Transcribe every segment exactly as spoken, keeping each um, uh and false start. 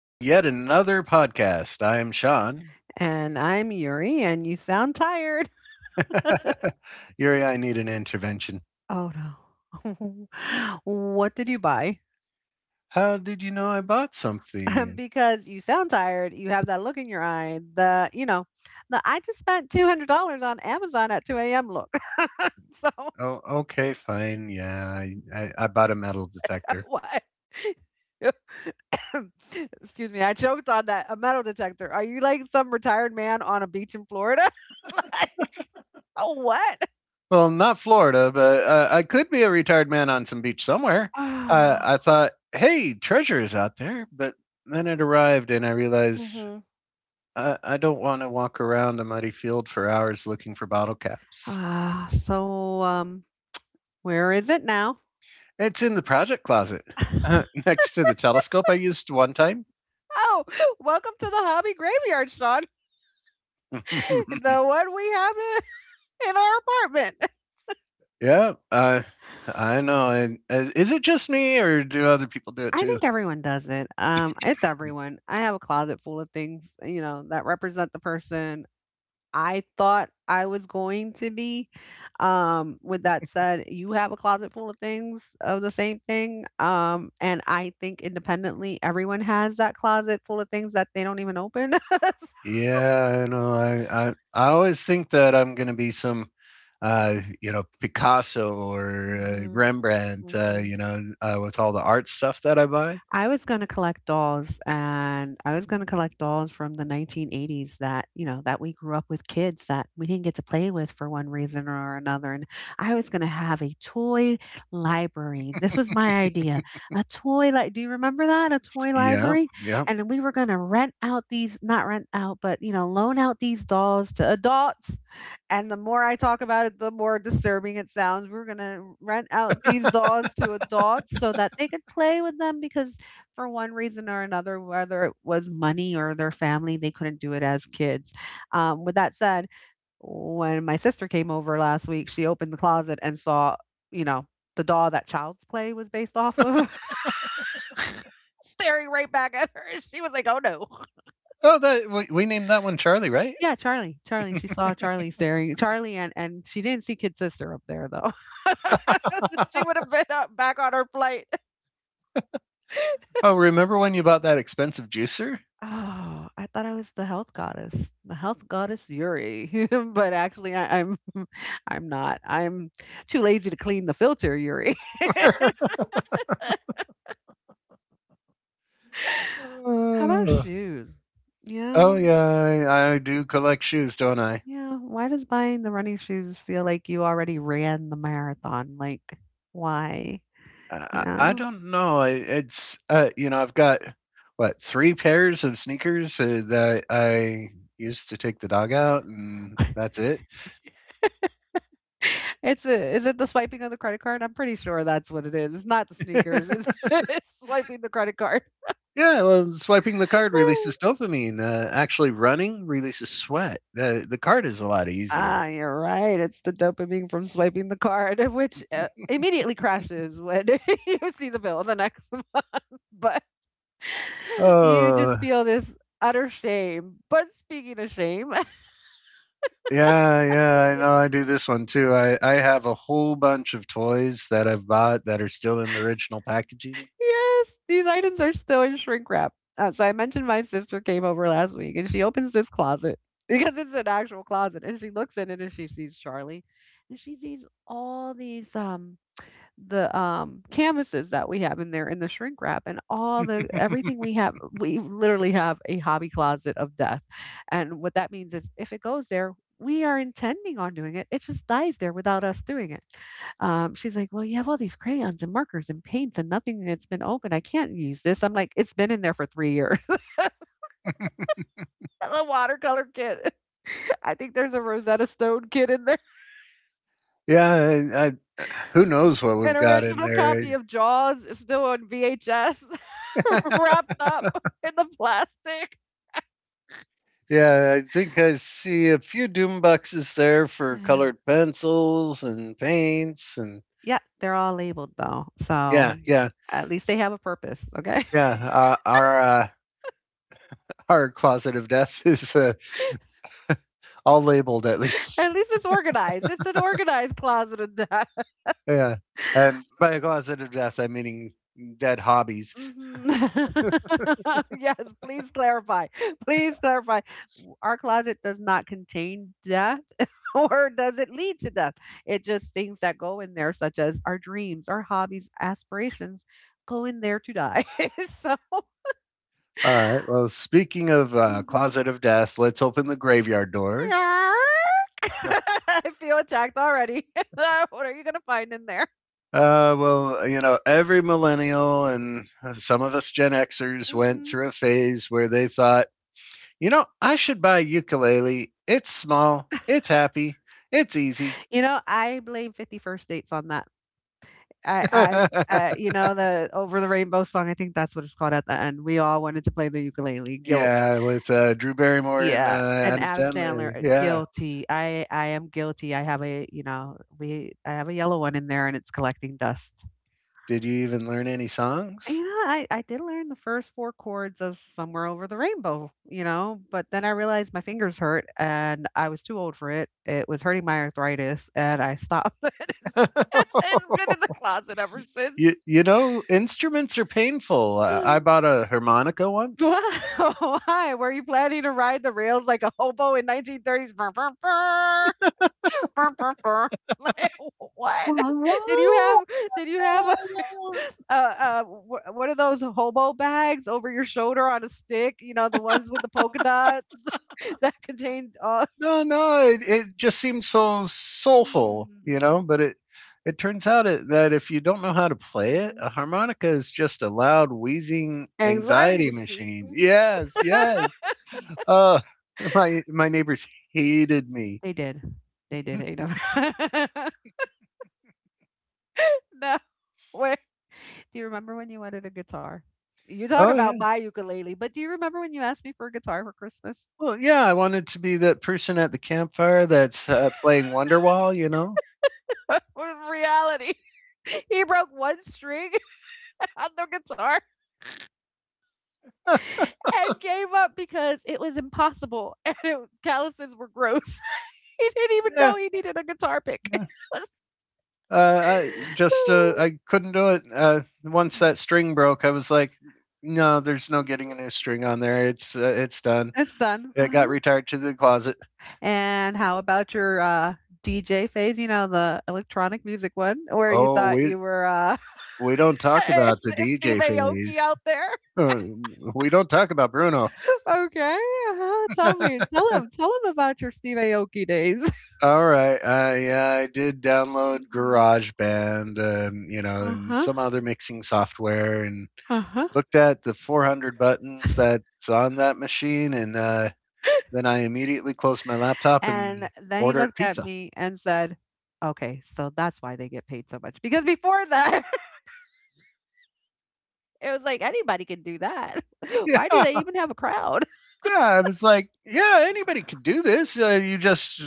to yet another podcast. I am Sean. And I'm Yuri, and you sound tired. Yuri, I need an intervention. Oh no. What did you buy? How did you know I bought something? Because you sound tired, you have that look in your eye, the, you know, the I just spent two hundred dollars on Amazon at two a m look. So, Oh, okay, fine. Yeah, I, I, I bought a metal detector. what? Excuse me, I choked on that. A metal detector. Are you like some retired man on a beach in Florida? Like, oh, what? Well, not Florida, but uh, I could be a retired man on some beach somewhere. Uh, I Ah, thought, hey, treasure is out there. But then it arrived, and I realized hmm I, I don't want to walk around a muddy field for hours looking for bottle caps. ah, so um, where is it now? It's in the project closet next to the telescope I used one time. Oh, welcome to the hobby graveyard, Sean. The one we have in, in our apartment. yeah, uh, I know. And uh, is it just me, or do other people do it I too? think everyone does it. Um, it's everyone. I have a closet full of things, you know, that represent the person I thought I was going to be. Um, with that said, you have a closet full of things of the same thing. Um, and I think independently, everyone has that closet full of things that they don't even open. Yeah, I know. I I, I always think that I'm going to be some uh, you know, Picasso or uh, Mhm, Rembrandt, Uh, mhm. you know, uh, with all the art stuff that I buy. I was gonna collect dolls, and I was gonna collect dolls from the nineteen eighties that, you know, that we grew up with kids that we didn't get to play with for one reason or another, and I was gonna have a toy library. This was my idea. A toy like. Do you remember that? A toy Yeah, library? yeah. And then we were gonna rent out these not rent out, but, you know, loan out these dolls to adults, and the more I talk about it, the more disturbing it sounds. We're gonna rent out these dolls to adults so that they could play with them because for one reason or another, whether it was money or their family, they couldn't do it as kids. Um, with that said, when my sister came over last week, she opened the closet and saw, you know, the doll that Child's Play was based off of staring right back at her. She was like, "Oh no." Oh, that we, we named that one Charlie, right? Yeah, Charlie. Charlie. She saw Charlie staring. Charlie, and and she didn't see Kid Sister up there though. She would have been up back on her flight. oh, remember when you bought that expensive juicer? Oh, I thought I was the health goddess, the health goddess Yuri, but actually I, I'm I'm not. I'm too lazy to clean the filter, Yuri. How about Oh. shoes? Oh Yeah, yeah, I, I do collect shoes, don't I? yeah. Why does buying the running shoes feel like you already ran the marathon? Like, why? You I, I I know? don't know. I, it's uh, you know, I've got what three pairs of sneakers uh, that I used to take the dog out, and that's it. It's a, is it the swiping of the credit card? I'm pretty sure that's what it is. It's not the yeah, sneakers. It's, it's swiping the credit card. well, swiping the card releases dopamine. Uh, actually, running releases sweat. The the card is a lot easier. Ah, you're right, it's the dopamine from swiping the card, which, uh, immediately crashes when you see the bill the next month, but you just Oh. feel this utter shame. But speaking of shame, Yeah, yeah, I know I do this one too. I, I have a whole bunch of toys that I've bought that are still in the original packaging. yes, these items are still in shrink wrap. Uh, so I mentioned my sister came over last week, and she opens this closet because it's an actual closet, and she looks in it and she sees Charlie, and she sees all these, um the, um, canvases that we have in there in the shrink wrap and all the everything we have. We literally have a hobby closet of death. And what that means is if it goes there, we are intending on doing it. It just dies there without us doing it. Um, she's like, well, you have all these crayons and markers and paints and nothing that's been open. I can't use this. I'm like, it's been in there for three years. The watercolor kit. I think there's a Rosetta Stone kit in there. Yeah, I, I, who knows what An we've got in original there? copy of Jaws is still on V H S wrapped up in the plastic. yeah, I think I see a few doom boxes there for colored pencils and paints, and Yeah, they're all labeled though, yeah, so yeah, at least they have a purpose, okay? yeah. Uh, our uh, our closet of death is uh, all labeled at least. At least it's organized. It's an organized closet of death. Yeah, and by a closet of death, I'm meaning dead hobbies. Mhm. Yes, please clarify. Please clarify. W- Our closet does not contain death, or does it lead to death? It just things that go in there, such as our dreams, our hobbies, aspirations, go in there to die. So, All right. Well, speaking of uh, mhm. closet of death, let's open the graveyard doors. I feel attacked already. What are you going to find in there? Uh, well, you know, every millennial and some of us Gen Xers went Mhm. through a phase where they thought, you know, I should buy a ukulele. It's small, it's happy, it's easy. You know, I blame fifty-first Dates on that. I I'm, yeah, uh, you know, the Over the Rainbow song, I think that's what it's called at the end. We all wanted to play the ukulele. Guilt. with uh, Drew Barrymore and uh, Yeah. And Adam Adam Sandler. Sandler, uh, Yeah. guilty. I I am guilty. I have a, you know, we I have a yellow one in there and it's collecting dust. Did you even learn any And, songs? you know, I I did learn the first four chords of Somewhere Over the Rainbow, you know, but then I realized my fingers hurt and I was too old for it. It was hurting my arthritis and I stopped. It's been in the closet ever You, since. you know, instruments are painful. Uh, I bought a harmonica Wow, once. why? Were you planning to ride the rails like a hobo in nineteen thirties? Burr, burr, burr, burr, burr, burr. Like, what? Did you have did you have a, a, a wh- one of those hobo bags over your shoulder on a stick? You know, the ones with the polka dots that contained uh, No, no, it, it just seems so soulful, you mm, know. But it it turns out it, that if you don't know how to play it, mhm. a harmonica is just a loud wheezing Anxiety anxiety machine. machine. Mhm. Yes, yes. Uh, my my neighbors hated me. They did. They did hate him. No. Wait. Do you remember when you wanted a guitar? You talk Oh about yeah. my ukulele, but do you remember when you asked me for a guitar for Christmas? Well, yeah. I wanted to be that person at the campfire that's uh, playing Wonderwall, you know. What was reality? He broke one string on the guitar and gave up because it was impossible and it, calluses were gross. He didn't even yeah. know he needed a guitar pick. Uh, I just uh, I couldn't do it. Uh, once that string broke, I was like, no, there's no getting a Mhm. new string on there. It's uh, it's done. It's done. It got Uh-huh. retired to the closet. And how about your uh, D J phase? You know, the electronic music one where you Oh, thought we you were uh, we don't talk Is about the is Steve D J Aoki phase. out there? Uh, We don't talk about Bruno. Okay, uh-huh, tell me tell him tell him about your Steve Aoki days. All right, I yeah, I did download Mhm. GarageBand, um, you know, and Uh-huh, some other mixing software, and uh-huh. looked at the four hundred buttons that's on that machine, and uh, Then I immediately closed my laptop and And then he ordered looked at pizza. me and said, "Okay, so that's why they get paid so much." Because before that, it was like, "Anybody can do that. Why do they Yeah, even have a crowd?" yeah. I was like, yeah, anybody could do this. Uh, you just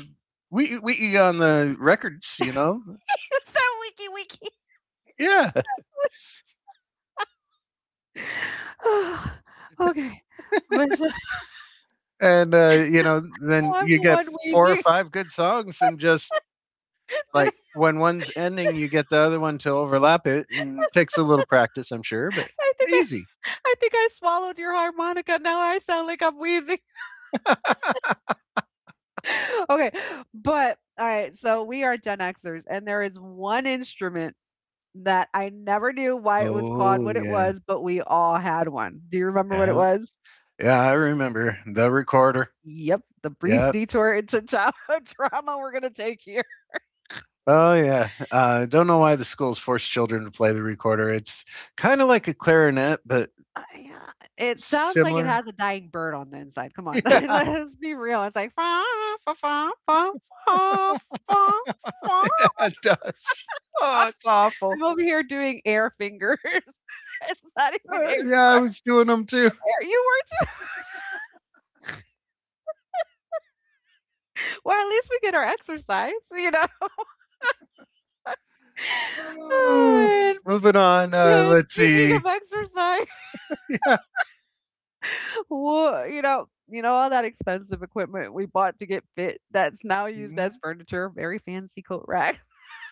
we we eat on the records, you know. He so wiki wiki. Yeah, Okay, but and uh, you know, then I'm you the get one four or wheezing. five good songs, and just Did like when one's ending, you get the other one to overlap it, and it takes a little practice, I'm sure, but I think I easy. I think I swallowed your harmonica. Now I sound like I'm wheezing. Okay, but all right, so we are Gen Xers, and there is one instrument that I never knew why it was called Oh what it yeah, was, but we all had one. Do you remember what it yeah, was? yeah. I remember the recorder. Yep, the brief Yeah, detour into childhood trauma we're gonna take here. oh yeah. Uh, don't know why the schools force children to play the recorder. It's kind of like a clarinet, but Uh, yeah, it sounds like it similar. has a dying bird on the inside. Come on, Yeah, let's be real. It's like fa fa fa fa fa fa. Fa. yeah, it does. Oh, it's awful. I'm over here doing air fingers. It's not even Uh, air yeah, I guitar. was doing them too. There you were too. Well, at least we get our exercise, you know? Oh, And, moving on. Uh, uh, let's speaking see. of exercise, Yeah. wha you know you know, all that expensive equipment we bought to get fit that's now used as Mhm. furniture, very fancy coat rack.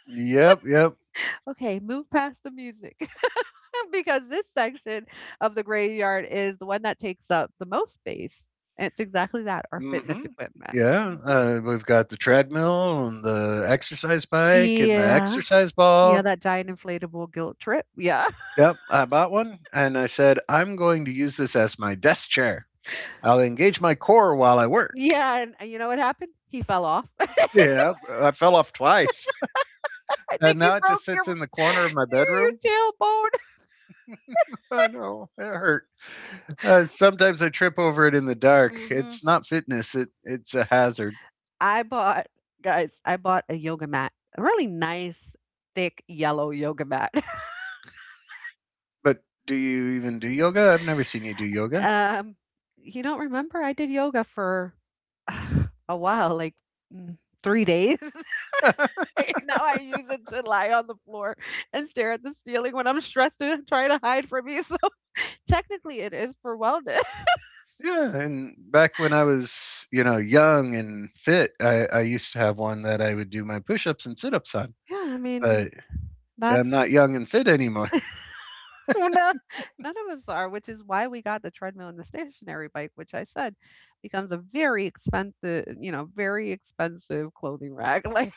Yep. Yep. Okay, move past the music because this section of the graveyard is the one that takes up the most space. It's exactly that, our hmm fitness equipment. Yeah. Mhm. Uh, we've got the treadmill and the exercise bike and the Yeah. exercise Yeah, ball. that giant inflatable guilt trip. Yeah. Yep. I bought one and I said, I'm going to use this as my desk chair. I'll engage my core while I work. Yeah, and and you know what happened? He fell off. I Yeah, I fell off twice. And think you now it broke just your sits in the corner of my your bedroom. tailbone. I know, it hurt. Uh, sometimes I trip over it in the dark. Mhm. It's not fitness, it, it's a hazard. I bought guys, I bought a yoga mat, a really nice, thick, yellow yoga mat. But do you even do yoga? I've never seen you do yoga. Um, you don't remember? I did yoga for a while, like mm, three days. yeah, And now I use it to lie on the floor and stare at the ceiling when I'm stressed and trying to hide from you. So technically it is for wellness. and back when I was, you know, young and fit, I, I used to have one that I would do my push ups and sit ups on. Yeah, I mean, But I'm that's not young and fit anymore. well, no, none of us are, which is why we got the treadmill and the stationary bike, which I said becomes a very expensive, you know, very expensive clothing rack. Like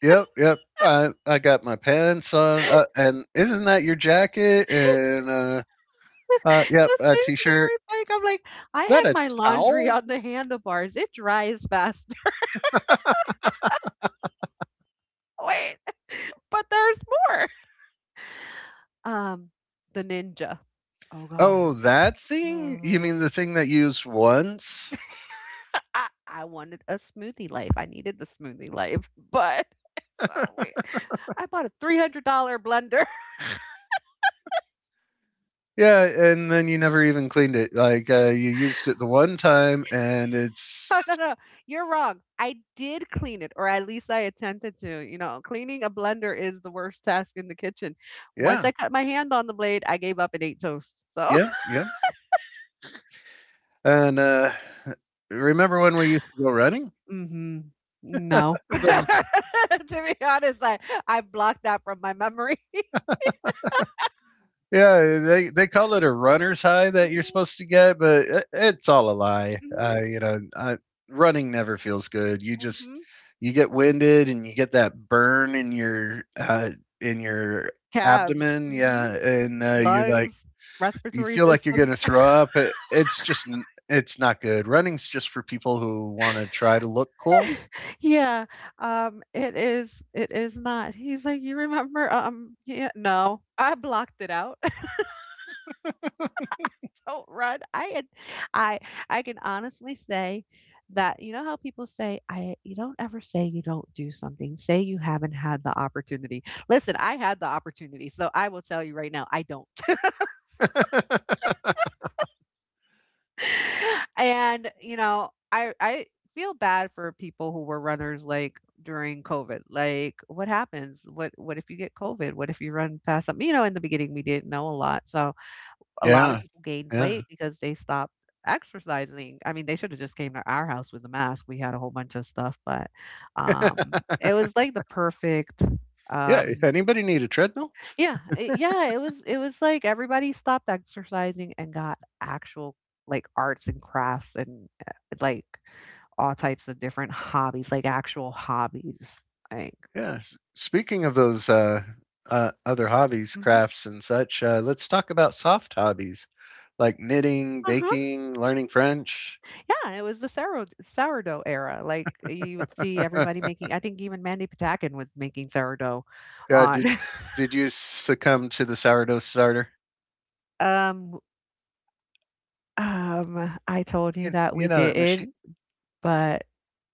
Yep, yep. I I got my pants on, uh, and isn't that your jacket? And uh, uh, yep, the a t-shirt. stationary bike, I'm like, I Is that hang a my laundry towel? on the handlebars. It dries faster. Wait, but there's more. Um, the ninja. Oh Oh, God. that thing? You mean the Mhm. thing that you used once? I I wanted a smoothie life, I needed the smoothie life, but so we I bought a three hundred dollars blender. Yeah, and then you never even cleaned it. Like uh, you used it the one time, and it's No, no, no, you're wrong, I did clean it, or at least I attempted to, you know, cleaning a blender is the worst task in the kitchen. Once yeah, I cut my hand on the blade, I gave up and ate toast, so yeah, yeah. And uh, remember when we used to go running? Mhm. No. the To be honest, I I blocked that from my memory. Yeah, they they call it a runner's high that you're Mhm, supposed to get, but it, it's all a lie. Uh, you know, I, running never feels good. You mhm, just mhm. you get winded and you get that burn in your uh, in your Calves, abdomen. mhm, Yeah, and uh, you're like lungs, you respiratory feel like you're system. gonna throw up. It, it's just n- it's not good. Running's just for people who want to try to look cool. Yeah, um, it is it is not. He's like, "You remember, um" Yeah, no, I blocked it out. Don't run. I had I I can honestly say that you know how people say, "I you don't ever say you don't do something. Say you haven't had the opportunity." Listen, I had the opportunity, so I will tell you right now, I don't. And, you know, I I feel bad for people who were runners like during COVID. Like, what happens? What what if you get COVID? What if you run past something? You know, in the beginning we didn't know a lot. So a lot of Yeah, people gained yeah, weight because they stopped exercising. I mean, they should have just came to our house with a mask. We had a whole bunch of stuff, but um it was like the perfect yeah. um Anybody need a treadmill? yeah, I yeah, it was it was like everybody stopped exercising and got actual, like, arts and crafts and, uh, like, all types of different hobbies, like, actual hobbies, like. Yes. Speaking of those uh, uh, other hobbies, Mhm. crafts, and such, uh, let's talk about soft hobbies like knitting, Uh-huh. baking, learning French. Yeah, it was the sourd sourdough era, like, you would see everybody making, I think, even Mandy Patinkin was making sourdough Uh, on. did did you succumb to the sourdough starter? Um um, I told you You, that you we know that didn't, machine. but.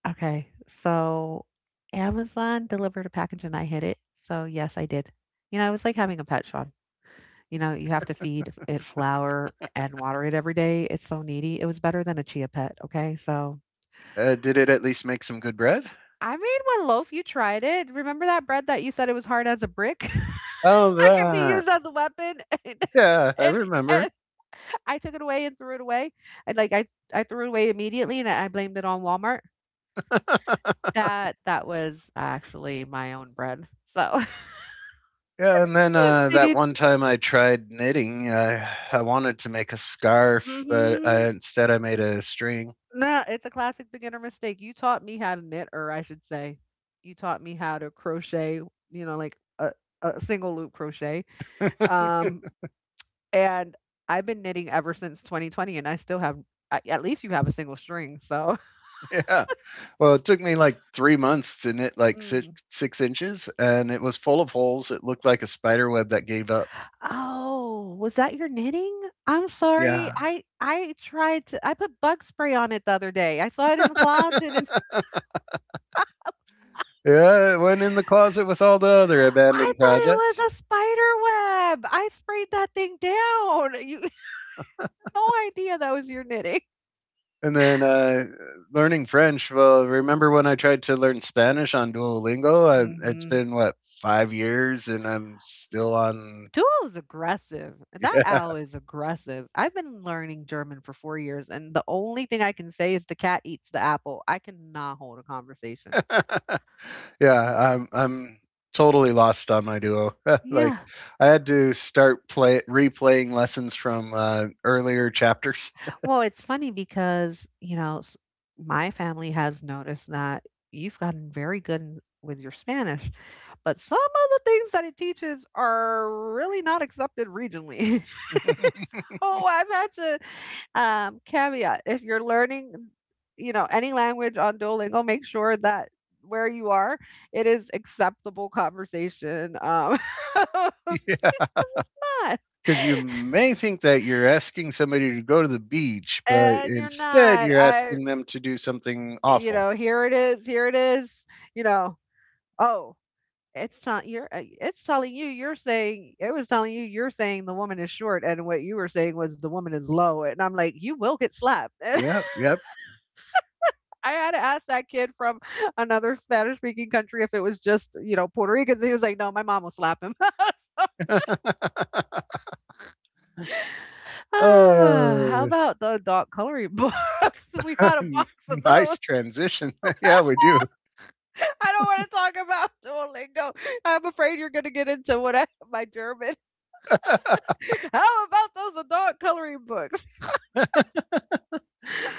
Okay, so Amazon delivered a package and I hid it, so yes, I did. You know, it was like having a pet, Sean. You know, you have to feed it flour and water it every day, it's so needy. It was better than a Chia Pet, okay, so Uh, did it at least make some good bread? I made one loaf, you tried it. Remember that bread that you said it was hard as a brick? Oh, That could be that. used as a weapon, and Yeah, I and remember. and I took it away and threw it away, and, like, I I threw it away immediately, and I blamed it on Walmart. That that was actually my own bread, so. Yeah, and then uh, Did that you? one time I tried knitting. Uh, I wanted to make a scarf, but Mhm. uh, instead I made a string. No, it's a classic beginner mistake. You taught me how to knit, or I should say, you taught me how to crochet, you know, like a, a single loop crochet. Um, and I've been knitting ever since twenty twenty, and I still have, a- at least you have a single string. So, yeah. Well, it took me like three months to knit like six Mm. six inches, and it was full of holes. It looked like a spider web that gave up. Oh, was that your knitting? I'm sorry. Yeah, I I tried to. I put bug spray on it the other day. I saw it in the closet, and yeah, it went in the closet with all the other I abandoned thought it projects. was a spider web. I sprayed that thing down. You, no idea that was your knitting. And then uh, learning French. Well, remember when I tried to learn Spanish on Duolingo? I, it's Mhm. been what five years, and I'm still on. Duo's aggressive. That owl is aggressive. I've been learning German for four years, and the only thing I can say is the cat eats the apple. I cannot hold a conversation. Yeah. Yeah, I'm I'm totally lost on my duo. Like Yeah. I had to start play replaying lessons from uh, earlier chapters. Well, it's funny because, you know, s- my family has noticed that you've gotten very good in- with your Spanish, but some of the things that it teaches are really not accepted regionally. So I've had to, um, caveat if you're learning, you know, any language on Duolingo, make sure that where you are, it is acceptable conversation. Um, yeah, not. because you may think that you're asking somebody to go to the beach, but And you're instead not. you're I, asking them to do something you awful. know, here it is, here it is, you know, oh, it's not you're, uh, it's telling you you're saying, it was telling you you're saying the woman is short, and what you were saying was the woman is low, and I'm like, you will get slapped. Yep, yep. I had to ask that kid from another Spanish speaking country if it was just, you know, Puerto Ricans. He was like, no, my mom will slap him. uh, Ah, how about the dot coloring books? We had a box of Nice those. transition. yeah, we do. I don't want to talk about Duolingo. I'm afraid you're going to get into what I, my German. How about those adult coloring books?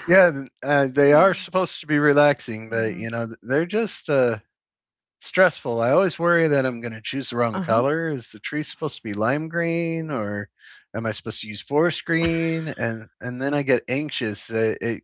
yeah, th- uh, they are Mm, supposed to be relaxing, but mhm. you know th- they're just uh, stressful. I always worry that I'm going to choose the wrong Uh-huh. color. Is the tree supposed to be lime green or am I supposed to use forest green? And and then I get anxious. It, it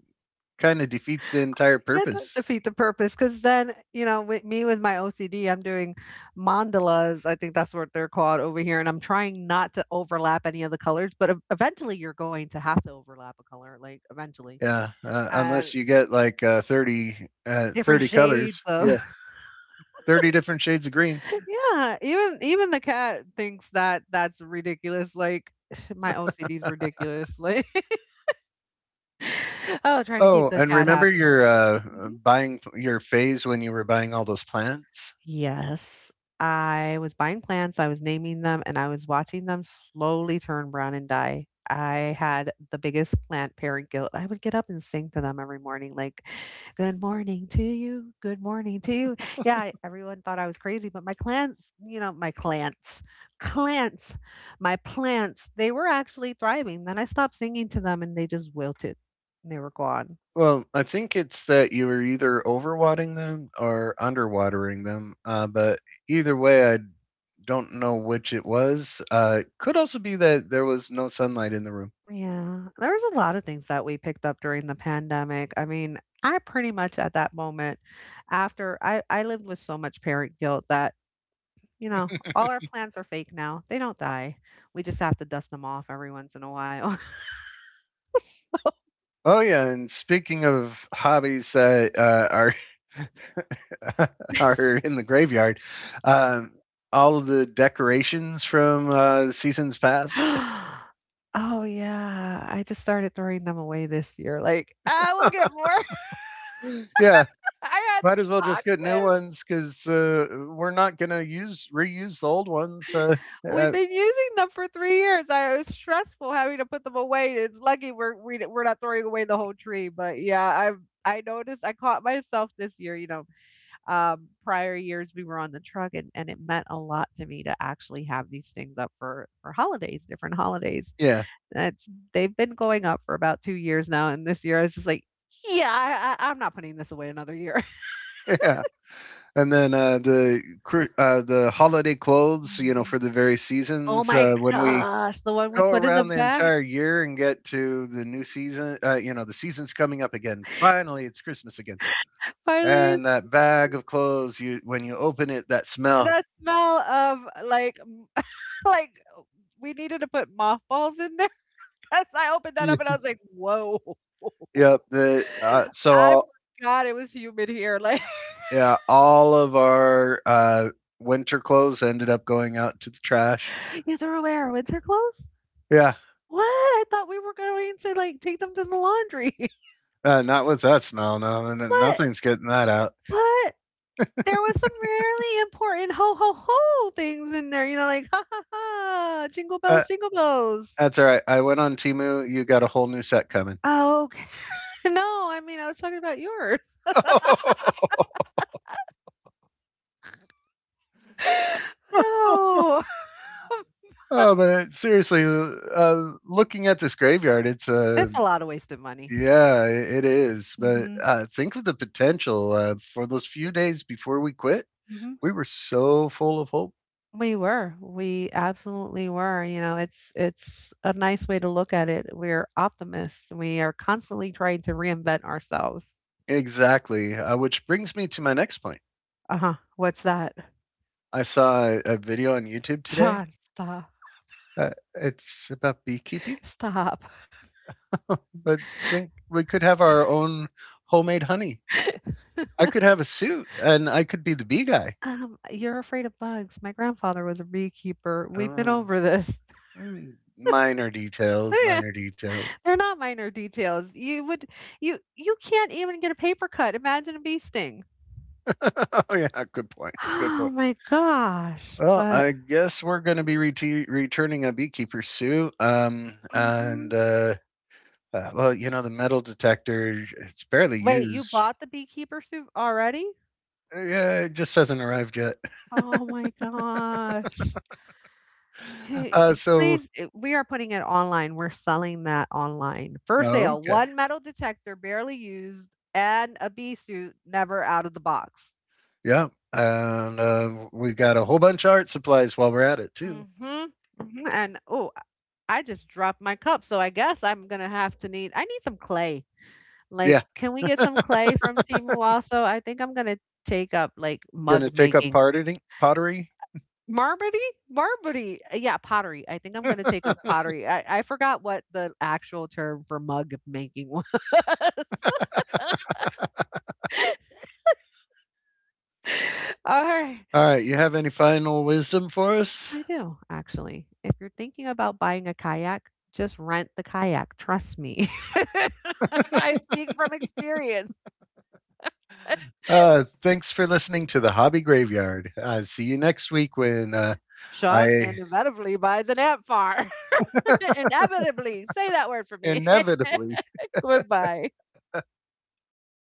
kind of defeats the entire Yeah, it does purpose. defeat the purpose because then, you know, with me with my O C D, I'm doing mandalas. I think that's what they're called over here. And I'm trying not to overlap any of the colors, but ev- eventually you're going to have to overlap a color, like eventually. Yeah, uh, And unless you get like uh, thirty uh, different thirty shades colors. of Yeah. thirty different shades of green. yeah, even even the cat thinks that that's ridiculous, like, my O C D is ridiculous, like, oh, trying to keep Oh, the and cat remember happy. your uh, buying your phase when you were buying all those plants? Yes. I was buying plants, I was naming them, and I was watching them slowly turn brown and die. I had the biggest plant parent guilt. I would get up and sing to them every morning, like, good morning to you. Good morning to you. Yeah, everyone thought I was crazy, but my plants, you know, my plants, plants, my plants, they were actually thriving. Then I stopped singing to them and they just wilted. They were gone. Well, I think it's that you were either overwatering them or underwatering them. Uh, but either way, I don't know which it was. Uh, could also be that there was no sunlight in the room. Yeah, there was a lot of things that we picked up during the pandemic. I mean, I pretty much at that moment after I I lived with so much parent guilt that, you know, all our plants are fake now. They don't die. We just have to dust them off every once in a while. Oh yeah, and speaking of hobbies that uh, are are in the graveyard, um, all of the decorations from uh, seasons past. Oh yeah, I just started throwing them away this year. Like, ah, we'll get more. yeah, I had might as well just get new boxes. ones because uh, we're not gonna use reuse the old ones. Uh, We've uh, been using them for three years. I It's stressful having to put them away. It's lucky we're we d we're not throwing away the whole tree, but yeah, I've I noticed I caught myself this year, you know, um, prior years we were on the truck and and it meant a lot to me to actually have these things up for for holidays, different holidays. yeah. It's They've been going up for about two years now, and this year I was just like, "Yeah, I I I'm not putting this away another year." Yeah. And then uh, the cru- uh, the holiday clothes, you know, for Mhm. the various Oh seasons. my Uh, when we gosh, the one we go put in the around the back. entire year and get to the new season, uh, you know, the season's coming up again. Finally, it's Christmas again. Finally. And that bag of clothes, you when you open it, that smell. The smell of like, m like, we needed to put mothballs in there because I opened that Yeah. up and I was like, "Whoa." Yep. The uh, so I all, forgot it was humid here, like. Yeah, all of our uh, winter clothes ended up going out to the trash. "You threw away our winter clothes? Yeah, What? I thought we were going to, like, take them to the laundry." uh, not with that smell. No, no, no, But nothing's getting that out. but there was some really important ho, ho, ho things in there, you know, like, "Ha, ha, ha, jingle Uh, bells, jingle bells." That's all right. I went on Timu. You got a whole new set coming. Oh, okay. No, I mean, I was talking about yours. Oh, Oh, but seriously, uh, looking at this graveyard, it's a uh, it's a lot of wasted money. yeah, it is. But Mhm, uh, think of the potential uh, for those few days before we quit. mhm. We were so full of hope. We were, we absolutely were, you know, it's it's a nice way to look at it. We're optimists, we are constantly trying to reinvent ourselves. Exactly, uh, which brings me to my next point. Uh-huh, what's that? I saw a, a video on YouTube today. Sean, stop, Uh, it's about beekeeping, stop. but think we could have our own homemade honey. I could have a suit and I could be the bee guy. Um, "You're afraid of bugs. My grandfather was a beekeeper. We've been Uh, over this." mm, minor details, Yeah. minor details. They're not minor details. You would, you you can't even get a paper cut, imagine a bee sting. oh yeah, good point. Good Oh point. my gosh, Well, but I guess we're going to be reti returning a beekeeper suit. Um, mhm. and uh, uh, well, you know, the metal detector, it's barely Wait, you used. bought the beekeeper suit already? Uh, Yeah, it just hasn't arrived yet. Oh my gosh. Okay, uh, so, please, it, we are putting it online, we're selling that online. For oh, sale, okay. one metal detector, barely used, and a bee suit, never out of the box. Yeah. And uh, we got a whole bunch of art supplies while we're at it, too. Mhm, mhm, and, oh, I just dropped my cup, so I guess I'm gonna have to need I need some clay. Like, Yeah. can we get some clay from Timu also? I think I'm gonna take up, like, Going to mug take up making. pottery, pottery Marmody? Marmody. Uh, Yeah, pottery. I think I'm gonna take up pottery. I, I forgot what the actual term for mug making was. All right. All right, you have any final wisdom for us? I do, actually. If you're thinking about buying a kayak, just rent the kayak. Trust me. I speak from experience. Uh, thanks for listening to the Hobby Graveyard. Uh, see you next week when uh, Sean I inevitably buys an amp farm. Inevitably. Say that word for me. inevitably Goodbye.